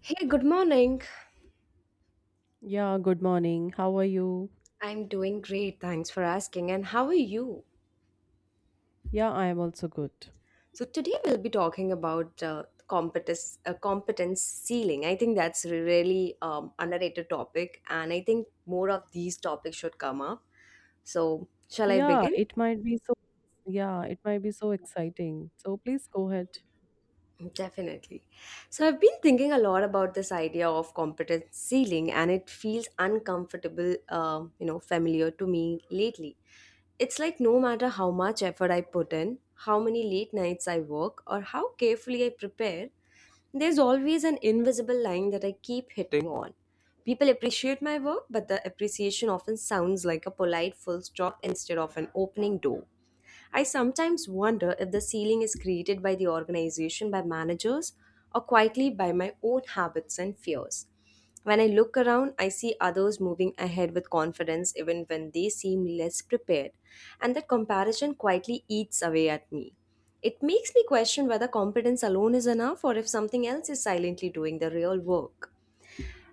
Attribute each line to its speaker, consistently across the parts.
Speaker 1: Hey, good morning.
Speaker 2: Yeah, good morning. How are you?
Speaker 1: I'm doing great. Thanks for asking. And how are you?
Speaker 2: Yeah, I am also good.
Speaker 1: So today we'll be talking about competence ceiling. I think that's a really underrated topic, and I think more of these topics should come up. So shall I
Speaker 2: Yeah,
Speaker 1: begin?
Speaker 2: it might be so exciting. So please go ahead.
Speaker 1: Definitely. So I've been thinking a lot about this idea of competence ceiling, and it feels uncomfortable, familiar to me lately. It's like no matter how much effort I put in, how many late nights I work, or how carefully I prepare, there's always an invisible line that I keep hitting on. People appreciate my work, but the appreciation often sounds like a polite full stop instead of an opening door. I sometimes wonder if the ceiling is created by the organization, by managers, or quietly by my own habits and fears. When I look around, I see others moving ahead with confidence even when they seem less prepared, and that comparison quietly eats away at me. It makes me question whether competence alone is enough or if something else is silently doing the real work.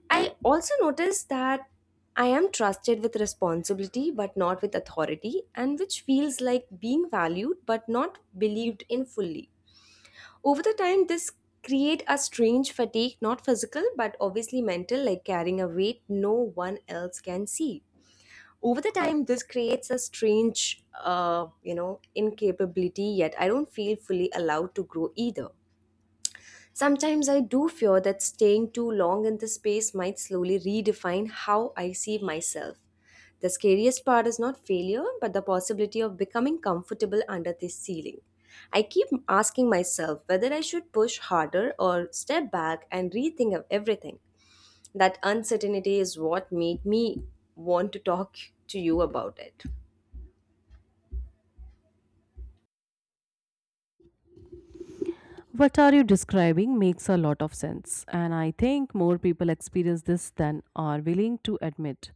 Speaker 1: I also noticed that I am trusted with responsibility but not with authority, and which feels like being valued but not believed in fully. Over the time, this create a strange fatigue, not physical but obviously mental, like carrying a weight no one else can see. Over the time, this creates a strange, incapability. Yet I don't feel fully allowed to grow either. Sometimes I do fear that staying too long in this space might slowly redefine how I see myself. The scariest part is not failure, but the possibility of becoming comfortable under this ceiling. I keep asking myself whether I should push harder or step back and rethink of everything. That uncertainty is what made me want to talk to you about it.
Speaker 2: What are you describing makes a lot of sense, and I think more people experience this than are willing to admit.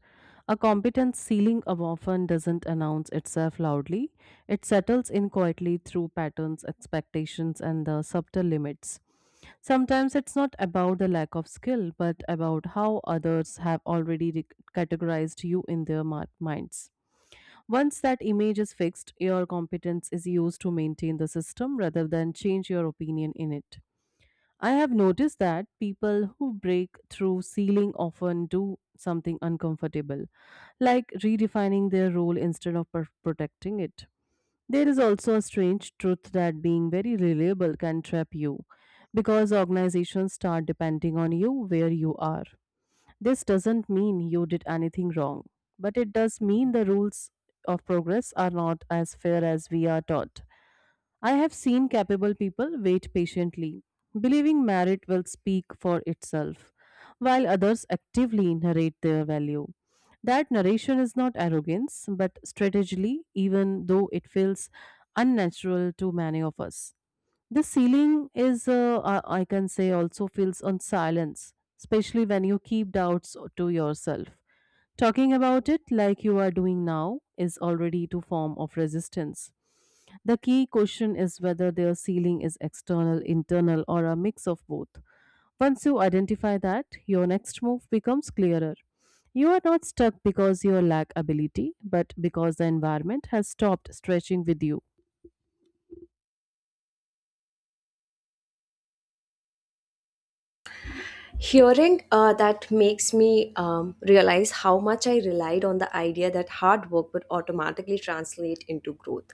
Speaker 2: A competence ceiling of often doesn't announce itself loudly, it settles in quietly through patterns, expectations, and the subtle limits. Sometimes it's not about the lack of skill, but about how others have already categorized you in their minds. Once that image is fixed, your competence is used to maintain the system rather than change your opinion in it. I have noticed that people who break through ceiling often do something uncomfortable, like redefining their role instead of protecting it. There is also a strange truth that being very reliable can trap you because organizations start depending on you where you are. This doesn't mean you did anything wrong, but it does mean the rules of progress are not as fair as we are taught. I have seen capable people wait patiently, believing merit will speak for itself, while others actively narrate their value. That narration is not arrogance, but strategy, even though it feels unnatural to many of us. The ceiling is, I can say, also feels on silence, especially when you keep doubts to yourself. Talking about it like you are doing now is already to form of resistance. The key question is whether their ceiling is external, internal, or a mix of both. Once you identify that, your next move becomes clearer. You are not stuck because you lack ability, but because the environment has stopped stretching with you.
Speaker 1: Hearing that makes me realize how much I relied on the idea that hard work would automatically translate into growth.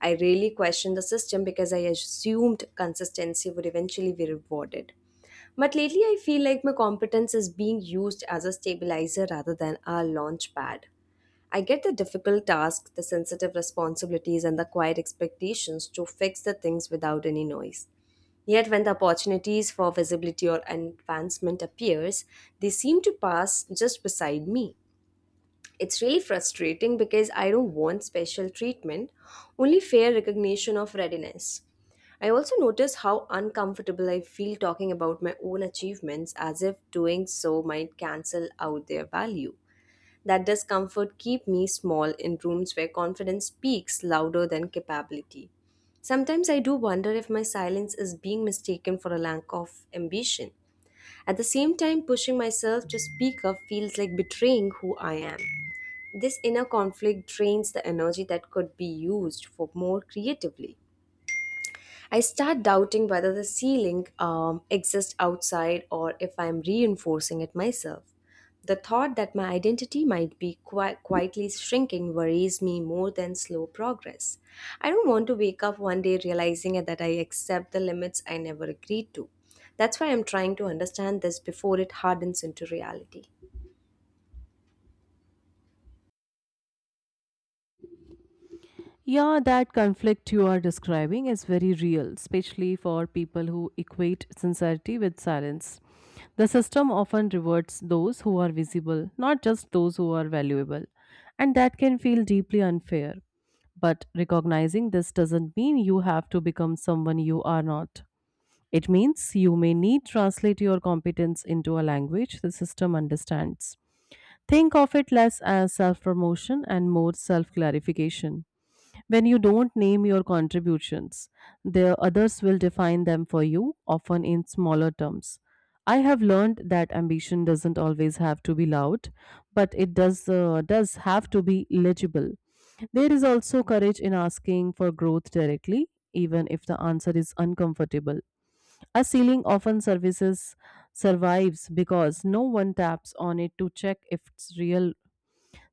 Speaker 1: I really questioned the system because I assumed consistency would eventually be rewarded. But lately, I feel like my competence is being used as a stabilizer rather than a launch pad. I get the difficult tasks, the sensitive responsibilities, and the quiet expectations to fix the things without any noise. Yet when the opportunities for visibility or advancement appears, they seem to pass just beside me. It's really frustrating because I don't want special treatment, only fair recognition of readiness. I also notice how uncomfortable I feel talking about my own achievements as if doing so might cancel out their value. That discomfort keep me small in rooms where confidence speaks louder than capability. Sometimes I do wonder if my silence is being mistaken for a lack of ambition. At the same time, pushing myself to speak up feels like betraying who I am. This inner conflict drains the energy that could be used for more creatively. I start doubting whether the ceiling exists outside or if I'm reinforcing it myself. The thought that my identity might be quietly shrinking worries me more than slow progress. I don't want to wake up one day realizing that I accept the limits I never agreed to. That's why I'm trying to understand this before it hardens into reality.
Speaker 2: Yeah, that conflict you are describing is very real, especially for people who equate sincerity with silence. The system often rewards those who are visible, not just those who are valuable, and that can feel deeply unfair. But recognizing this doesn't mean you have to become someone you are not. It means you may need translate your competence into a language the system understands. Think of it less as self-promotion and more self-clarification. When you don't name your contributions, the others will define them for you, often in smaller terms. I have learned that ambition doesn't always have to be loud, but it does have to be legible. There is also courage in asking for growth directly, even if the answer is uncomfortable. A ceiling often services survives because no one taps on it to check if it's real.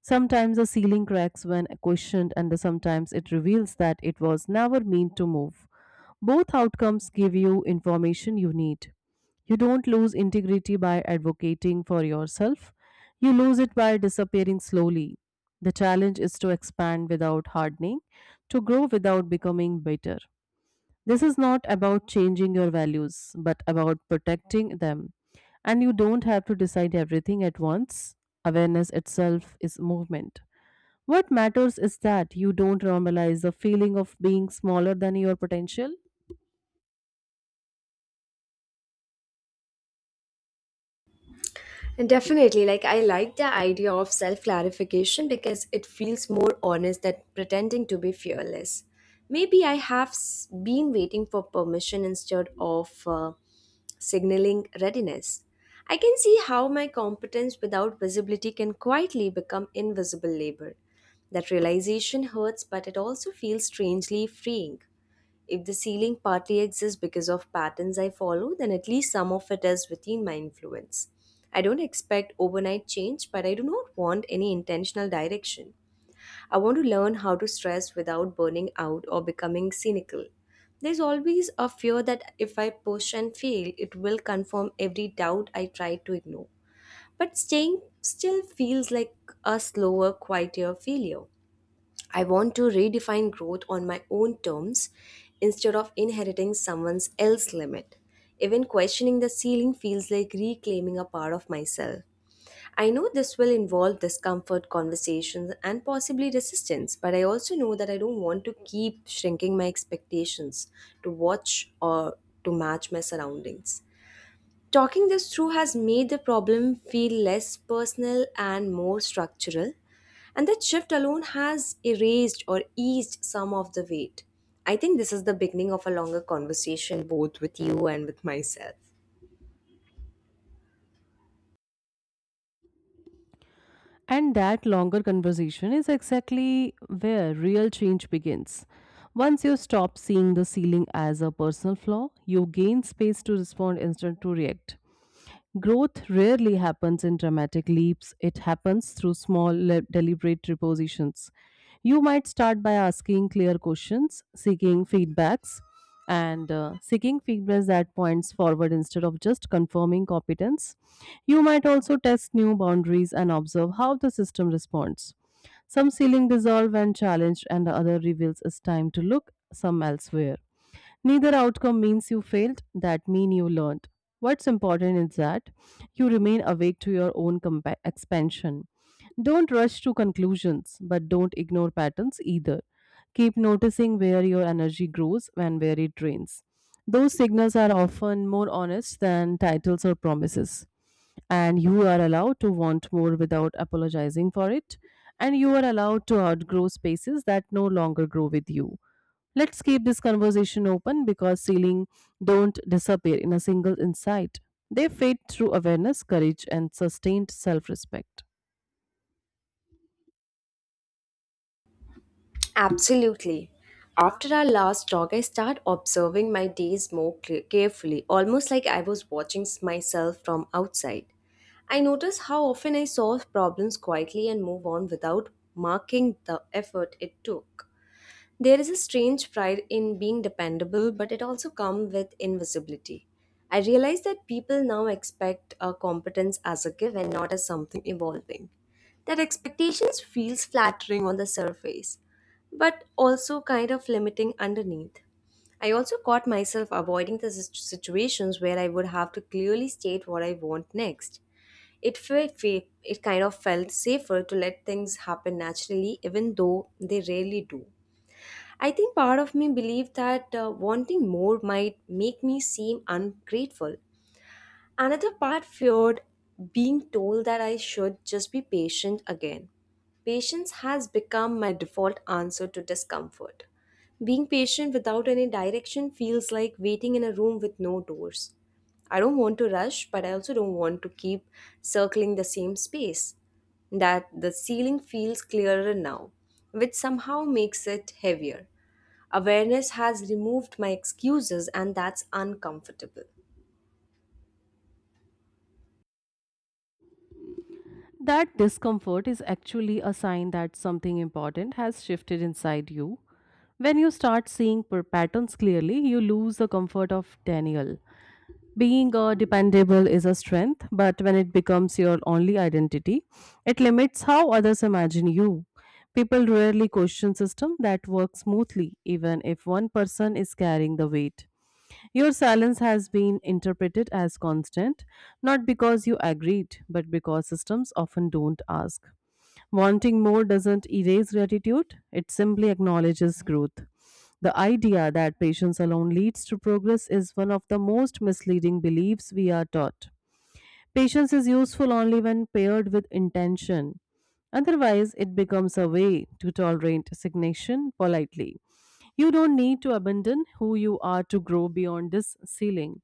Speaker 2: Sometimes the ceiling cracks when questioned, and sometimes it reveals that it was never meant to move. Both outcomes give you information you need. You don't lose integrity by advocating for yourself, you lose it by disappearing slowly. The challenge is to expand without hardening, to grow without becoming bitter. This is not about changing your values, but about protecting them. And you don't have to decide everything at once. Awareness itself is movement. What matters is that you don't normalize the feeling of being smaller than your potential.
Speaker 1: And definitely, like I like the idea of self clarification because it feels more honest than pretending to be fearless. Maybe I have been waiting for permission instead of signaling readiness. I can see how my competence without visibility can quietly become invisible labor. That realization hurts, but it also feels strangely freeing. If the ceiling partly exists because of patterns I follow, then at least some of it is within my influence. I don't expect overnight change, but I do not want any intentional direction. I want to learn how to stress without burning out or becoming cynical. There's always a fear that if I push and fail, it will confirm every doubt I try to ignore. But staying still feels like a slower, quieter failure. I want to redefine growth on my own terms instead of inheriting someone else's limit. Even questioning the ceiling feels like reclaiming a part of myself. I know this will involve discomfort, conversations, and possibly resistance, but I also know that I don't want to keep shrinking my expectations to watch or to match my surroundings. Talking this through has made the problem feel less personal and more structural, and that shift alone has erased or eased some of the weight. I think this is the beginning of a longer conversation, both with you and with myself.
Speaker 2: And that longer conversation is exactly where real change begins. Once you stop seeing the ceiling as a personal flaw, you gain space to respond instead to react. Growth rarely happens in dramatic leaps, it happens through small, deliberate repositions. You might start by asking clear questions, seeking feedbacks that points forward instead of just confirming competence. You might also test new boundaries and observe how the system responds. Some ceiling dissolve when challenged, and the other reveals it's time to look some elsewhere. Neither outcome means you failed, that mean you learned. What's important is that you remain awake to your own expansion. Don't rush to conclusions, but don't ignore patterns either. Keep noticing where your energy grows and where it drains. Those signals are often more honest than titles or promises. And you are allowed to want more without apologizing for it. And you are allowed to outgrow spaces that no longer grow with you. Let's keep this conversation open because ceilings don't disappear in a single insight. They fade through awareness, courage, and sustained self respect.
Speaker 1: Absolutely. After our last talk, I start observing my days more carefully, almost like I was watching myself from outside. I notice how often I solve problems quietly and move on without marking the effort it took. There is a strange pride in being dependable, but it also comes with invisibility. I realize that people now expect our competence as a given, not as something evolving. That expectations feels flattering on the surface, but also kind of limiting underneath. I also caught myself avoiding the situations where I would have to clearly state what I want next. It kind of felt safer to let things happen naturally, even though they rarely do. I think part of me believed that wanting more might make me seem ungrateful. Another part feared being told that I should just be patient again. Patience has become my default answer to discomfort. Being patient without any direction feels like waiting in a room with no doors. I don't want to rush, but I also don't want to keep circling the same space. That the ceiling feels clearer now, which somehow makes it heavier. Awareness has removed my excuses, and that's uncomfortable.
Speaker 2: That discomfort is actually a sign that something important has shifted inside you. When you start seeing patterns clearly, you lose the comfort of Daniel. Being dependable is a strength, but when it becomes your only identity, it limits how others imagine you. People rarely question system that work smoothly, even if one person is carrying the weight. Your silence has been interpreted as constant, not because you agreed, but because systems often don't ask. Wanting more doesn't erase gratitude, it simply acknowledges growth. The idea that patience alone leads to progress is one of the most misleading beliefs we are taught. Patience is useful only when paired with intention. Otherwise, it becomes a way to tolerate stagnation politely. You don't need to abandon who you are to grow beyond this ceiling.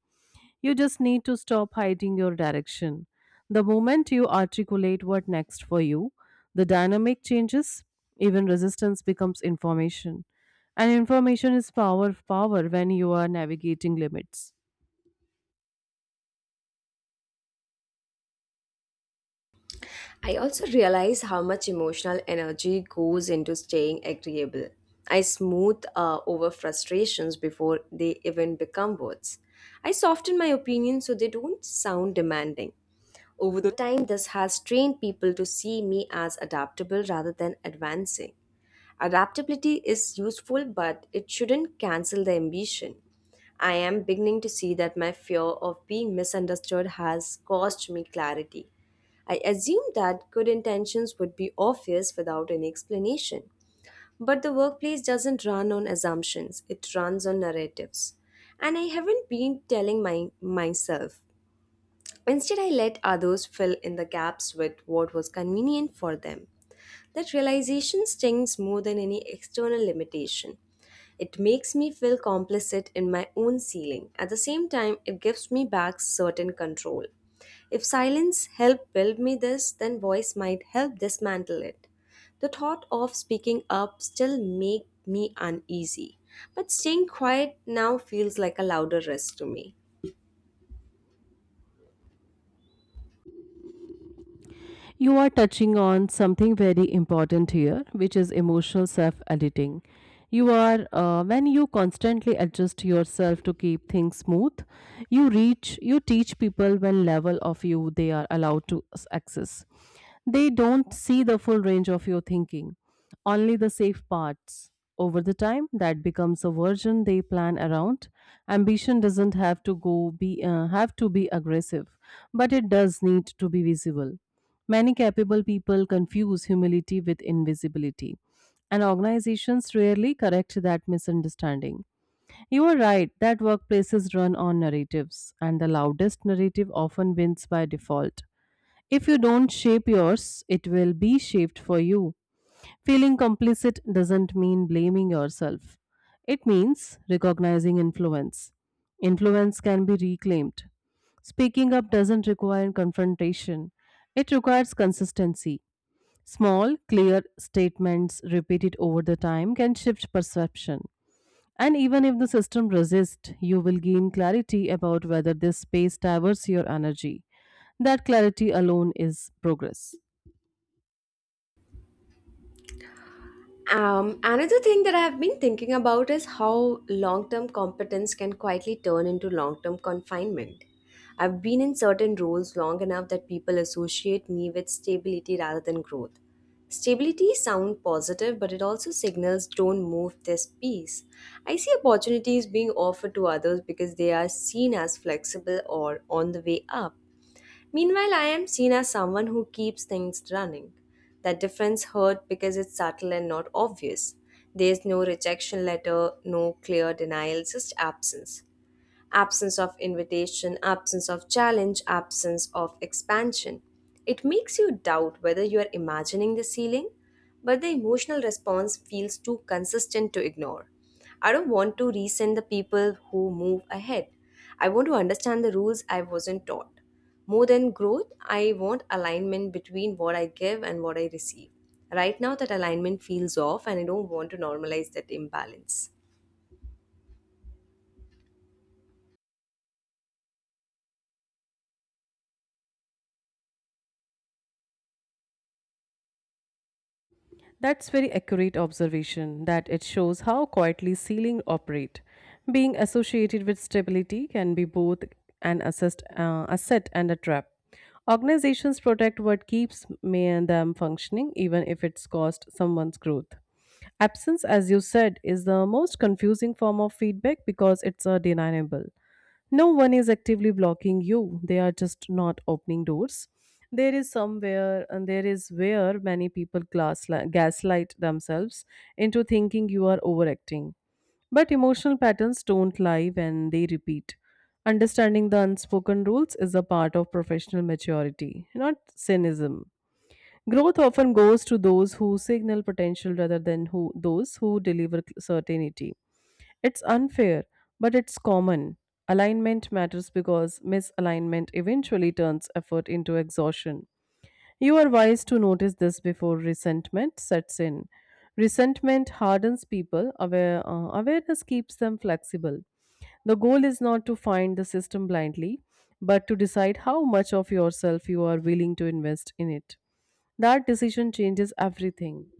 Speaker 2: You just need to stop hiding your direction. The moment you articulate what next for you, the dynamic changes, even resistance becomes information. And information is power when you are navigating limits.
Speaker 1: I also realize how much emotional energy goes into staying agreeable. I smooth over frustrations before they even become words. I soften my opinions so they don't sound demanding. Over the time, this has trained people to see me as adaptable rather than advancing. Adaptability is useful, but it shouldn't cancel the ambition. I am beginning to see that my fear of being misunderstood has cost me clarity. I assumed that good intentions would be obvious without any explanation. But the workplace doesn't run on assumptions, it runs on narratives. And I haven't been telling myself. Instead, I let others fill in the gaps with what was convenient for them. That realization stings more than any external limitation. It makes me feel complicit in my own ceiling. At the same time, it gives me back certain control. If silence helped build me this, then voice might help dismantle it. The thought of speaking up still make me uneasy, but staying quiet now feels like a louder risk to me.
Speaker 2: You are touching on something very important here, which is emotional self editing. When you constantly adjust yourself to keep things smooth, you teach people when level of you they are allowed to access. They don't see the full range of your thinking, only the safe parts. Over the time, that becomes a version they plan around. Ambition doesn't have to be aggressive, but it does need to be visible. Many capable people confuse humility with invisibility, and organizations rarely correct that misunderstanding. You are right that workplaces run on narratives, and the loudest narrative often wins by default. If you don't shape yours, it will be shaped for you. Feeling complicit doesn't mean blaming yourself. It means recognizing influence. Influence can be reclaimed. Speaking up doesn't require confrontation, it requires consistency. Small, clear statements repeated over the time can shift perception. And even if the system resists, you will gain clarity about whether this space diverts your energy. That clarity alone is progress.
Speaker 1: Another thing that I've been thinking about is how long term competence can quietly turn into long term confinement. I've been in certain roles long enough that people associate me with stability rather than growth. Stability sounds positive, but it also signals don't move this piece. I see opportunities being offered to others because they are seen as flexible or on the way up. Meanwhile, I am seen as someone who keeps things running. That difference hurt because it's subtle and not obvious. There's no rejection letter, no clear denial, just absence absence of invitation, absence of challenge, absence of expansion. It makes you doubt whether you are imagining the ceiling, but the emotional response feels too consistent to ignore. I don't want to resent the people who move ahead. I want to understand the rules I wasn't taught. More than growth, I want alignment between what I give and what I receive. Right now, that alignment feels off, and I don't want to normalize that imbalance.
Speaker 2: That's very accurate observation that it shows how quietly ceiling operate. Being associated with stability can be both an asset and a trap. Organizations protect what keeps me them functioning, even if it's cost someone's growth. Absence, as you said, is the most confusing form of feedback because it's a deniable. No one is actively blocking you, they are just not opening doors. There is somewhere and there is where many people gaslight themselves into thinking you are overacting, but emotional patterns don't lie when they repeat. Understanding the unspoken rules is a part of professional maturity, not cynicism. Growth often goes to those who signal potential rather than who those who deliver certainty. It's unfair, but it's common. Alignment matters because misalignment eventually turns effort into exhaustion. You are wise to notice this before resentment sets in. Resentment hardens people, awareness keeps them flexible. The goal is not to find the system blindly, but to decide how much of yourself you are willing to invest in it. That decision changes everything.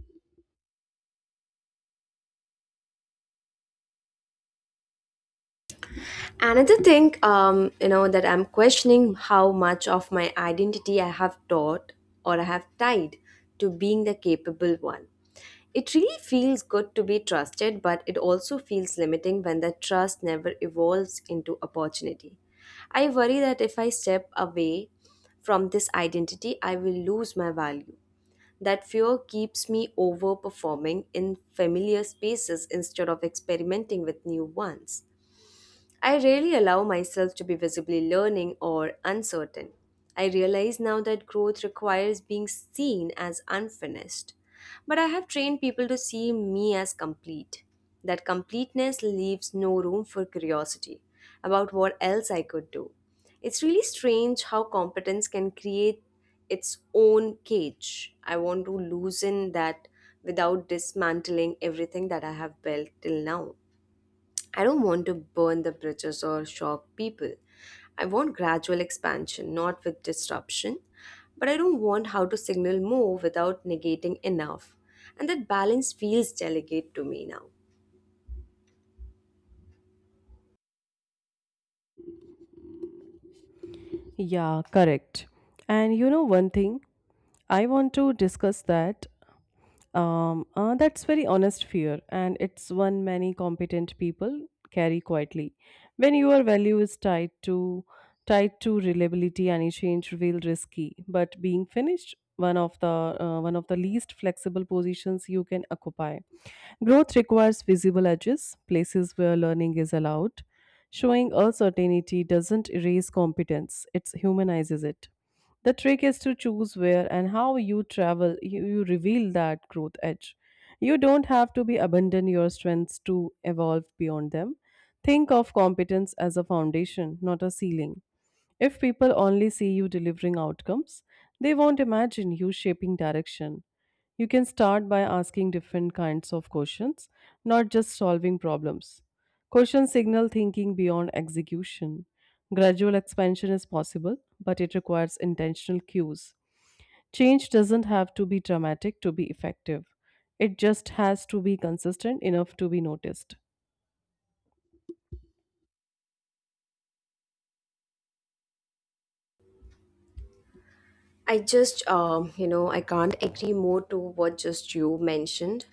Speaker 1: Another thing, that I'm questioning how much of my identity I have tied to being the capable one. It really feels good to be trusted, but it also feels limiting when that trust never evolves into opportunity. I worry that if I step away from this identity, I will lose my value. That fear keeps me overperforming in familiar spaces instead of experimenting with new ones. I rarely allow myself to be visibly learning or uncertain. I realize now that growth requires being seen as unfinished. But I have trained people to see me as complete. That completeness leaves no room for curiosity about what else I could do. It's really strange how competence can create its own cage. I want to loosen that without dismantling everything that I have built till now. I don't want to burn the bridges or shock people. I want gradual expansion, not with disruption. But I don't want how to signal more without negating enough. And that balance feels delicate to me now.
Speaker 2: Yeah, correct. And you know one thing, I want to discuss that. That's very honest fear, and it's one many competent people carry quietly. When your value is tied to reliability, any change feels risky. But being finished, one of the least flexible positions you can occupy. Growth requires visible edges, places where learning is allowed. Showing uncertainty doesn't erase competence; it humanizes it. The trick is to choose where and how you travel. You reveal that growth edge. You don't have to be abandon your strengths to evolve beyond them. Think of competence as a foundation, not a ceiling. If people only see you delivering outcomes, they won't imagine you shaping direction. You can start by asking different kinds of questions, not just solving problems. Questions signal thinking beyond execution. Gradual expansion is possible, but it requires intentional cues. Change doesn't have to be dramatic to be effective, it just has to be consistent enough to be noticed.
Speaker 1: I just, I can't agree more to what just you mentioned.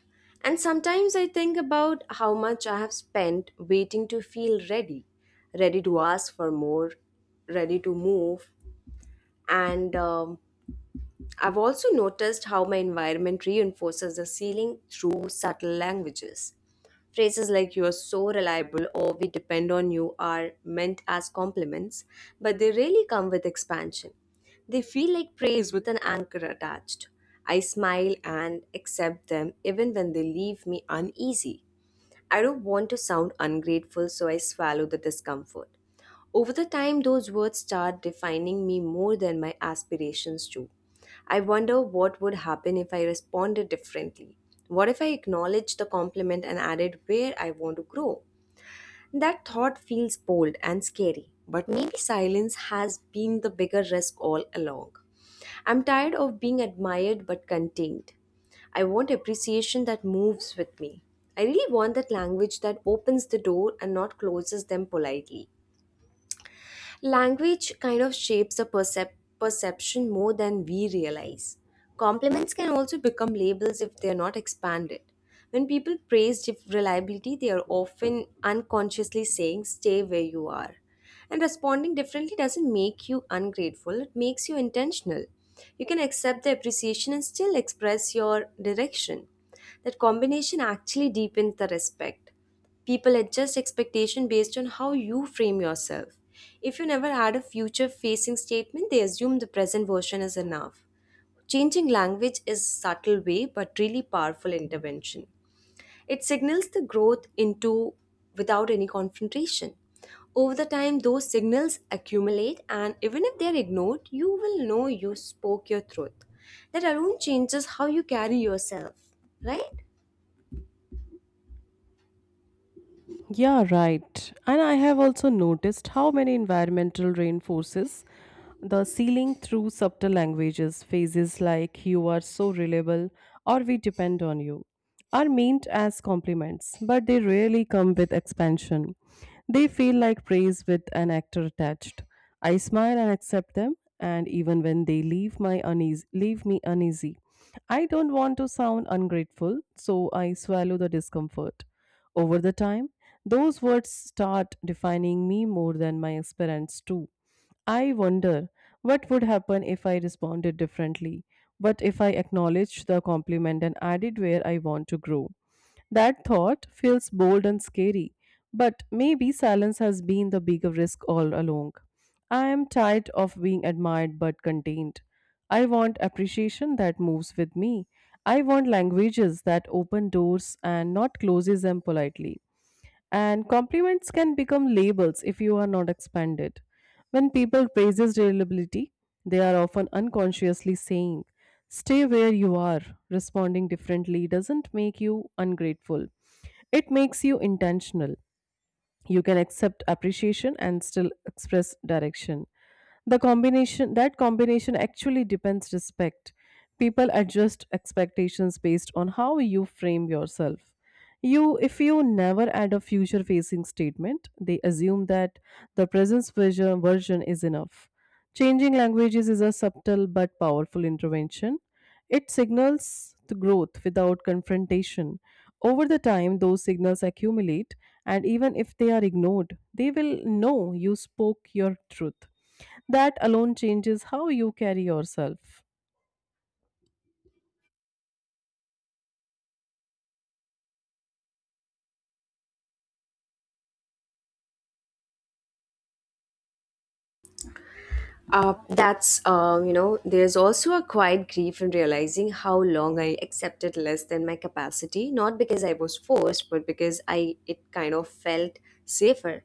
Speaker 1: And sometimes I think about how much I have spent waiting to feel ready, ready to ask for more, ready to move. And I've also noticed how my environment reinforces the ceiling through subtle languages. Phrases like you are so reliable or we depend on you are meant as compliments, but they rarely come with expansion. They feel like praise with an anchor attached. I smile and accept them even when they leave me uneasy. I don't want to sound ungrateful, so I swallow the discomfort. Over the time, those words start defining me more than my aspirations do. I wonder what would happen if I responded differently. What if I acknowledged the compliment and added where I want to grow? That thought feels bold and scary, but maybe silence has been the bigger risk all along. I'm tired of being admired but contained. I want appreciation that moves with me. I really want that language that opens the door and not closes them politely. Language kind of shapes the perception more than we realize. Compliments can also become labels if they are not expanded. When people praise reliability, they are often unconsciously saying, stay where you are. And responding differently doesn't make you ungrateful, it makes you intentional. You can accept the appreciation and still express your direction. That combination actually deepens the respect. People adjust expectation based on how you frame yourself. If you never had a future facing statement, they assume the present version is enough. Changing language is subtle way but really powerful intervention. It signals the growth into without any confrontation. Over the time those signals accumulate and even if they're ignored, you will know you spoke your truth. That alone changes how you carry yourself, right?
Speaker 2: Yeah, right. And I have also noticed how many environmental reinforces the ceiling through subtle languages, phrases like you are so reliable or we depend on you, are meant as compliments, but they rarely come with expansion. They feel like praise with an actor attached. I smile and accept them, and even when they leave me uneasy. I don't want to sound ungrateful, so I swallow the discomfort. Over the time, those words start defining me more than my experience too. I wonder what would happen if I responded differently, but if I acknowledged the compliment and added where I want to grow. That thought feels bold and scary, but maybe silence has been the bigger risk all along. I am tired of being admired but contained. I want appreciation that moves with me. I want languages that open doors and not closes them politely. And compliments can become labels if you are not expanded. When people praises reliability, they are often unconsciously saying, stay where you are. Responding differently doesn't make you ungrateful, it makes you intentional. You can accept appreciation and still express direction. The combination that combination actually depends respect. People adjust expectations based on how you frame yourself. You If you never add a future facing statement, they assume that the present version is enough. Changing languages is a subtle but powerful intervention. It signals the growth without confrontation. Over the time, those signals accumulate, and even if they are ignored, they will know you spoke your truth. That alone changes how you carry yourself.
Speaker 1: That's, there's also a quiet grief in realizing how long I accepted less than my capacity, not because I was forced, but because I it kind of felt safer.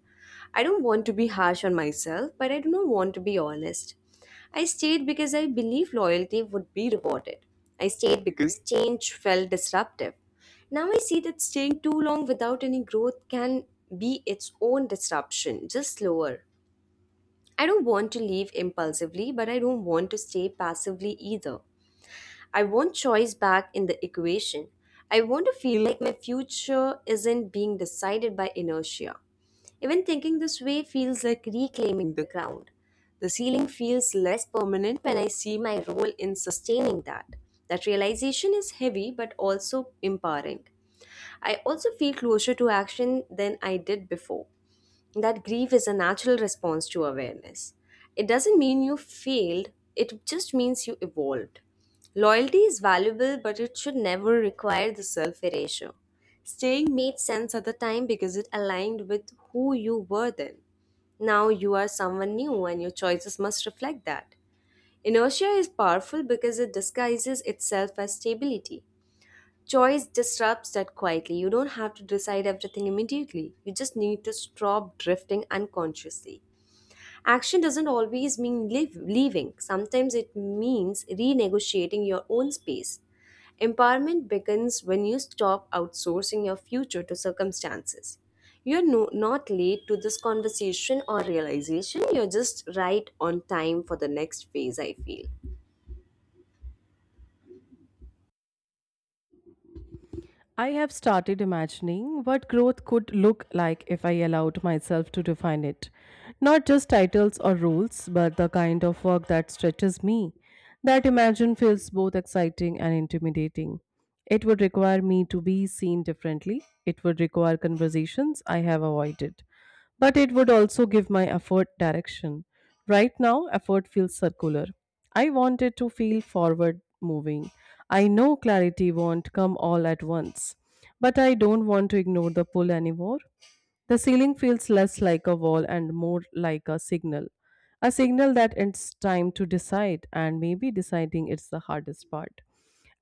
Speaker 1: I don't want to be harsh on myself, but I do not want to be honest. I stayed because I believed loyalty would be rewarded. I stayed because change felt disruptive. Now I see that staying too long without any growth can be its own disruption, just slower. I don't want to leave impulsively, but I don't want to stay passively either. I want choice back in the equation. I want to feel like my future isn't being decided by inertia. Even thinking this way feels like reclaiming the ground. The ceiling feels less permanent when I see my role in sustaining that. That realization is heavy but also empowering. I also feel closer to action than I did before that grief is a natural response to awareness. It doesn't mean you failed, it just means you evolved. Loyalty is valuable, but it should never require the self erasure. Staying made sense at the time because it aligned with who you were then. Now you are someone new, and your choices must reflect that. Inertia is powerful because it disguises itself as stability. Choice disrupts that quietly. You don't have to decide everything immediately. You just need to stop drifting unconsciously. Action doesn't always mean leaving, sometimes it means renegotiating your own space. Empowerment begins when you stop outsourcing your future to circumstances. You're no, Not late to this conversation or realization, you're just right on time for the next phase, I feel.
Speaker 2: I have started imagining what growth could look like if I allowed myself to define it. Not just titles or rules, but the kind of work that stretches me. That imagine feels both exciting and intimidating. It would require me to be seen differently. It would require conversations I have avoided, but it would also give my effort direction. Right now, effort feels circular. I want it to feel forward moving. I know clarity won't come all at once, but I don't want to ignore the pull anymore. The ceiling feels less like a wall and more like a signal. A signal that it's time to decide, and maybe deciding it's the hardest part.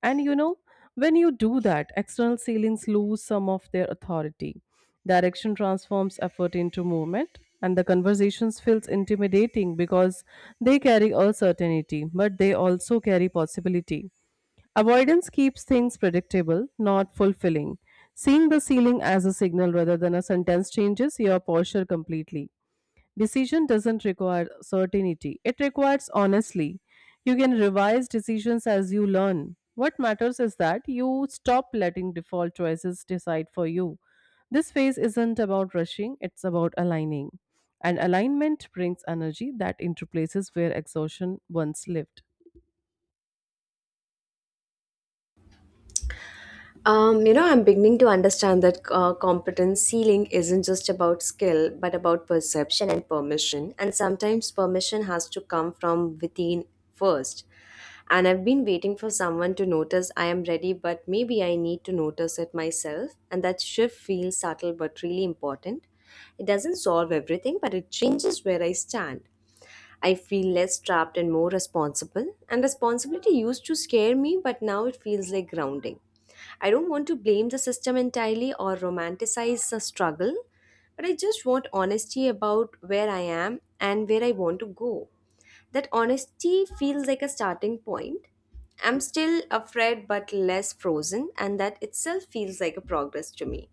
Speaker 2: And you know, when you do that, external ceilings lose some of their authority. Direction transforms effort into movement, and the conversations feels intimidating because they carry uncertainty, but they also carry possibility. Avoidance keeps things predictable, not fulfilling. Seeing the ceiling as a signal rather than a sentence changes your posture completely. Decision doesn't require certainty, it requires honestly. You can revise decisions as you learn. What matters is that you stop letting default choices decide for you. This phase isn't about rushing, it's about aligning. And alignment brings energy that interplaces where exhaustion once lived.
Speaker 1: I'm beginning to understand that competence ceiling isn't just about skill, but about perception and permission. And sometimes permission has to come from within first. And I've been waiting for someone to notice I am ready, but maybe I need to notice it myself. And that shift feels subtle but really important. It doesn't solve everything, but it changes where I stand. I feel less trapped and more responsible. And responsibility used to scare me, but now it feels like grounding. I don't want to blame the system entirely or romanticize the struggle, but I just want honesty about where I am and where I want to go. That honesty feels like a starting point. I'm still afraid but less frozen, and that itself feels like a progress to me.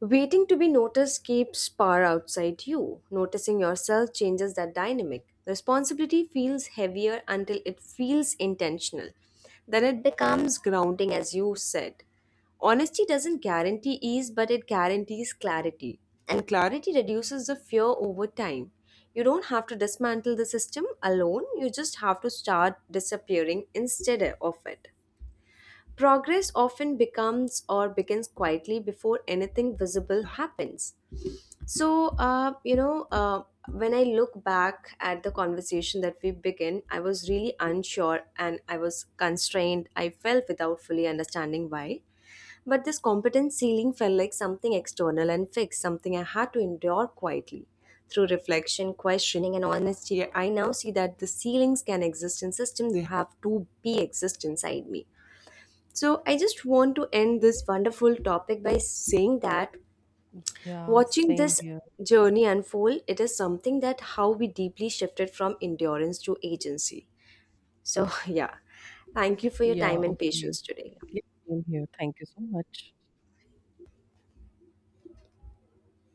Speaker 1: Waiting to be noticed keeps power outside you. Noticing yourself changes that dynamic. Responsibility feels heavier until it feels intentional. Then it becomes grounding, as you said. Honesty doesn't guarantee ease, but it guarantees clarity. And clarity reduces the fear over time. You don't have to dismantle the system alone, you just have to start disappearing instead of it. Progress often becomes or begins quietly before anything visible happens. So, when I look back at the conversation that we began, I was really unsure and I was constrained. I felt without fully understanding why. But this competence ceiling felt like something external and fixed, something I had to endure quietly. Through reflection, questioning, and honesty, I now see that the ceilings can exist in systems they have to be exist inside me, so I just want to end this wonderful topic by saying that
Speaker 2: Yeah,
Speaker 1: watching
Speaker 2: same
Speaker 1: this
Speaker 2: here.
Speaker 1: journey unfold, it is something that how we deeply shifted from endurance to agency. So yeah, thank you for your
Speaker 2: Yeah,
Speaker 1: time and
Speaker 2: okay.
Speaker 1: patience today.
Speaker 2: Yeah, same here. Thank you so much.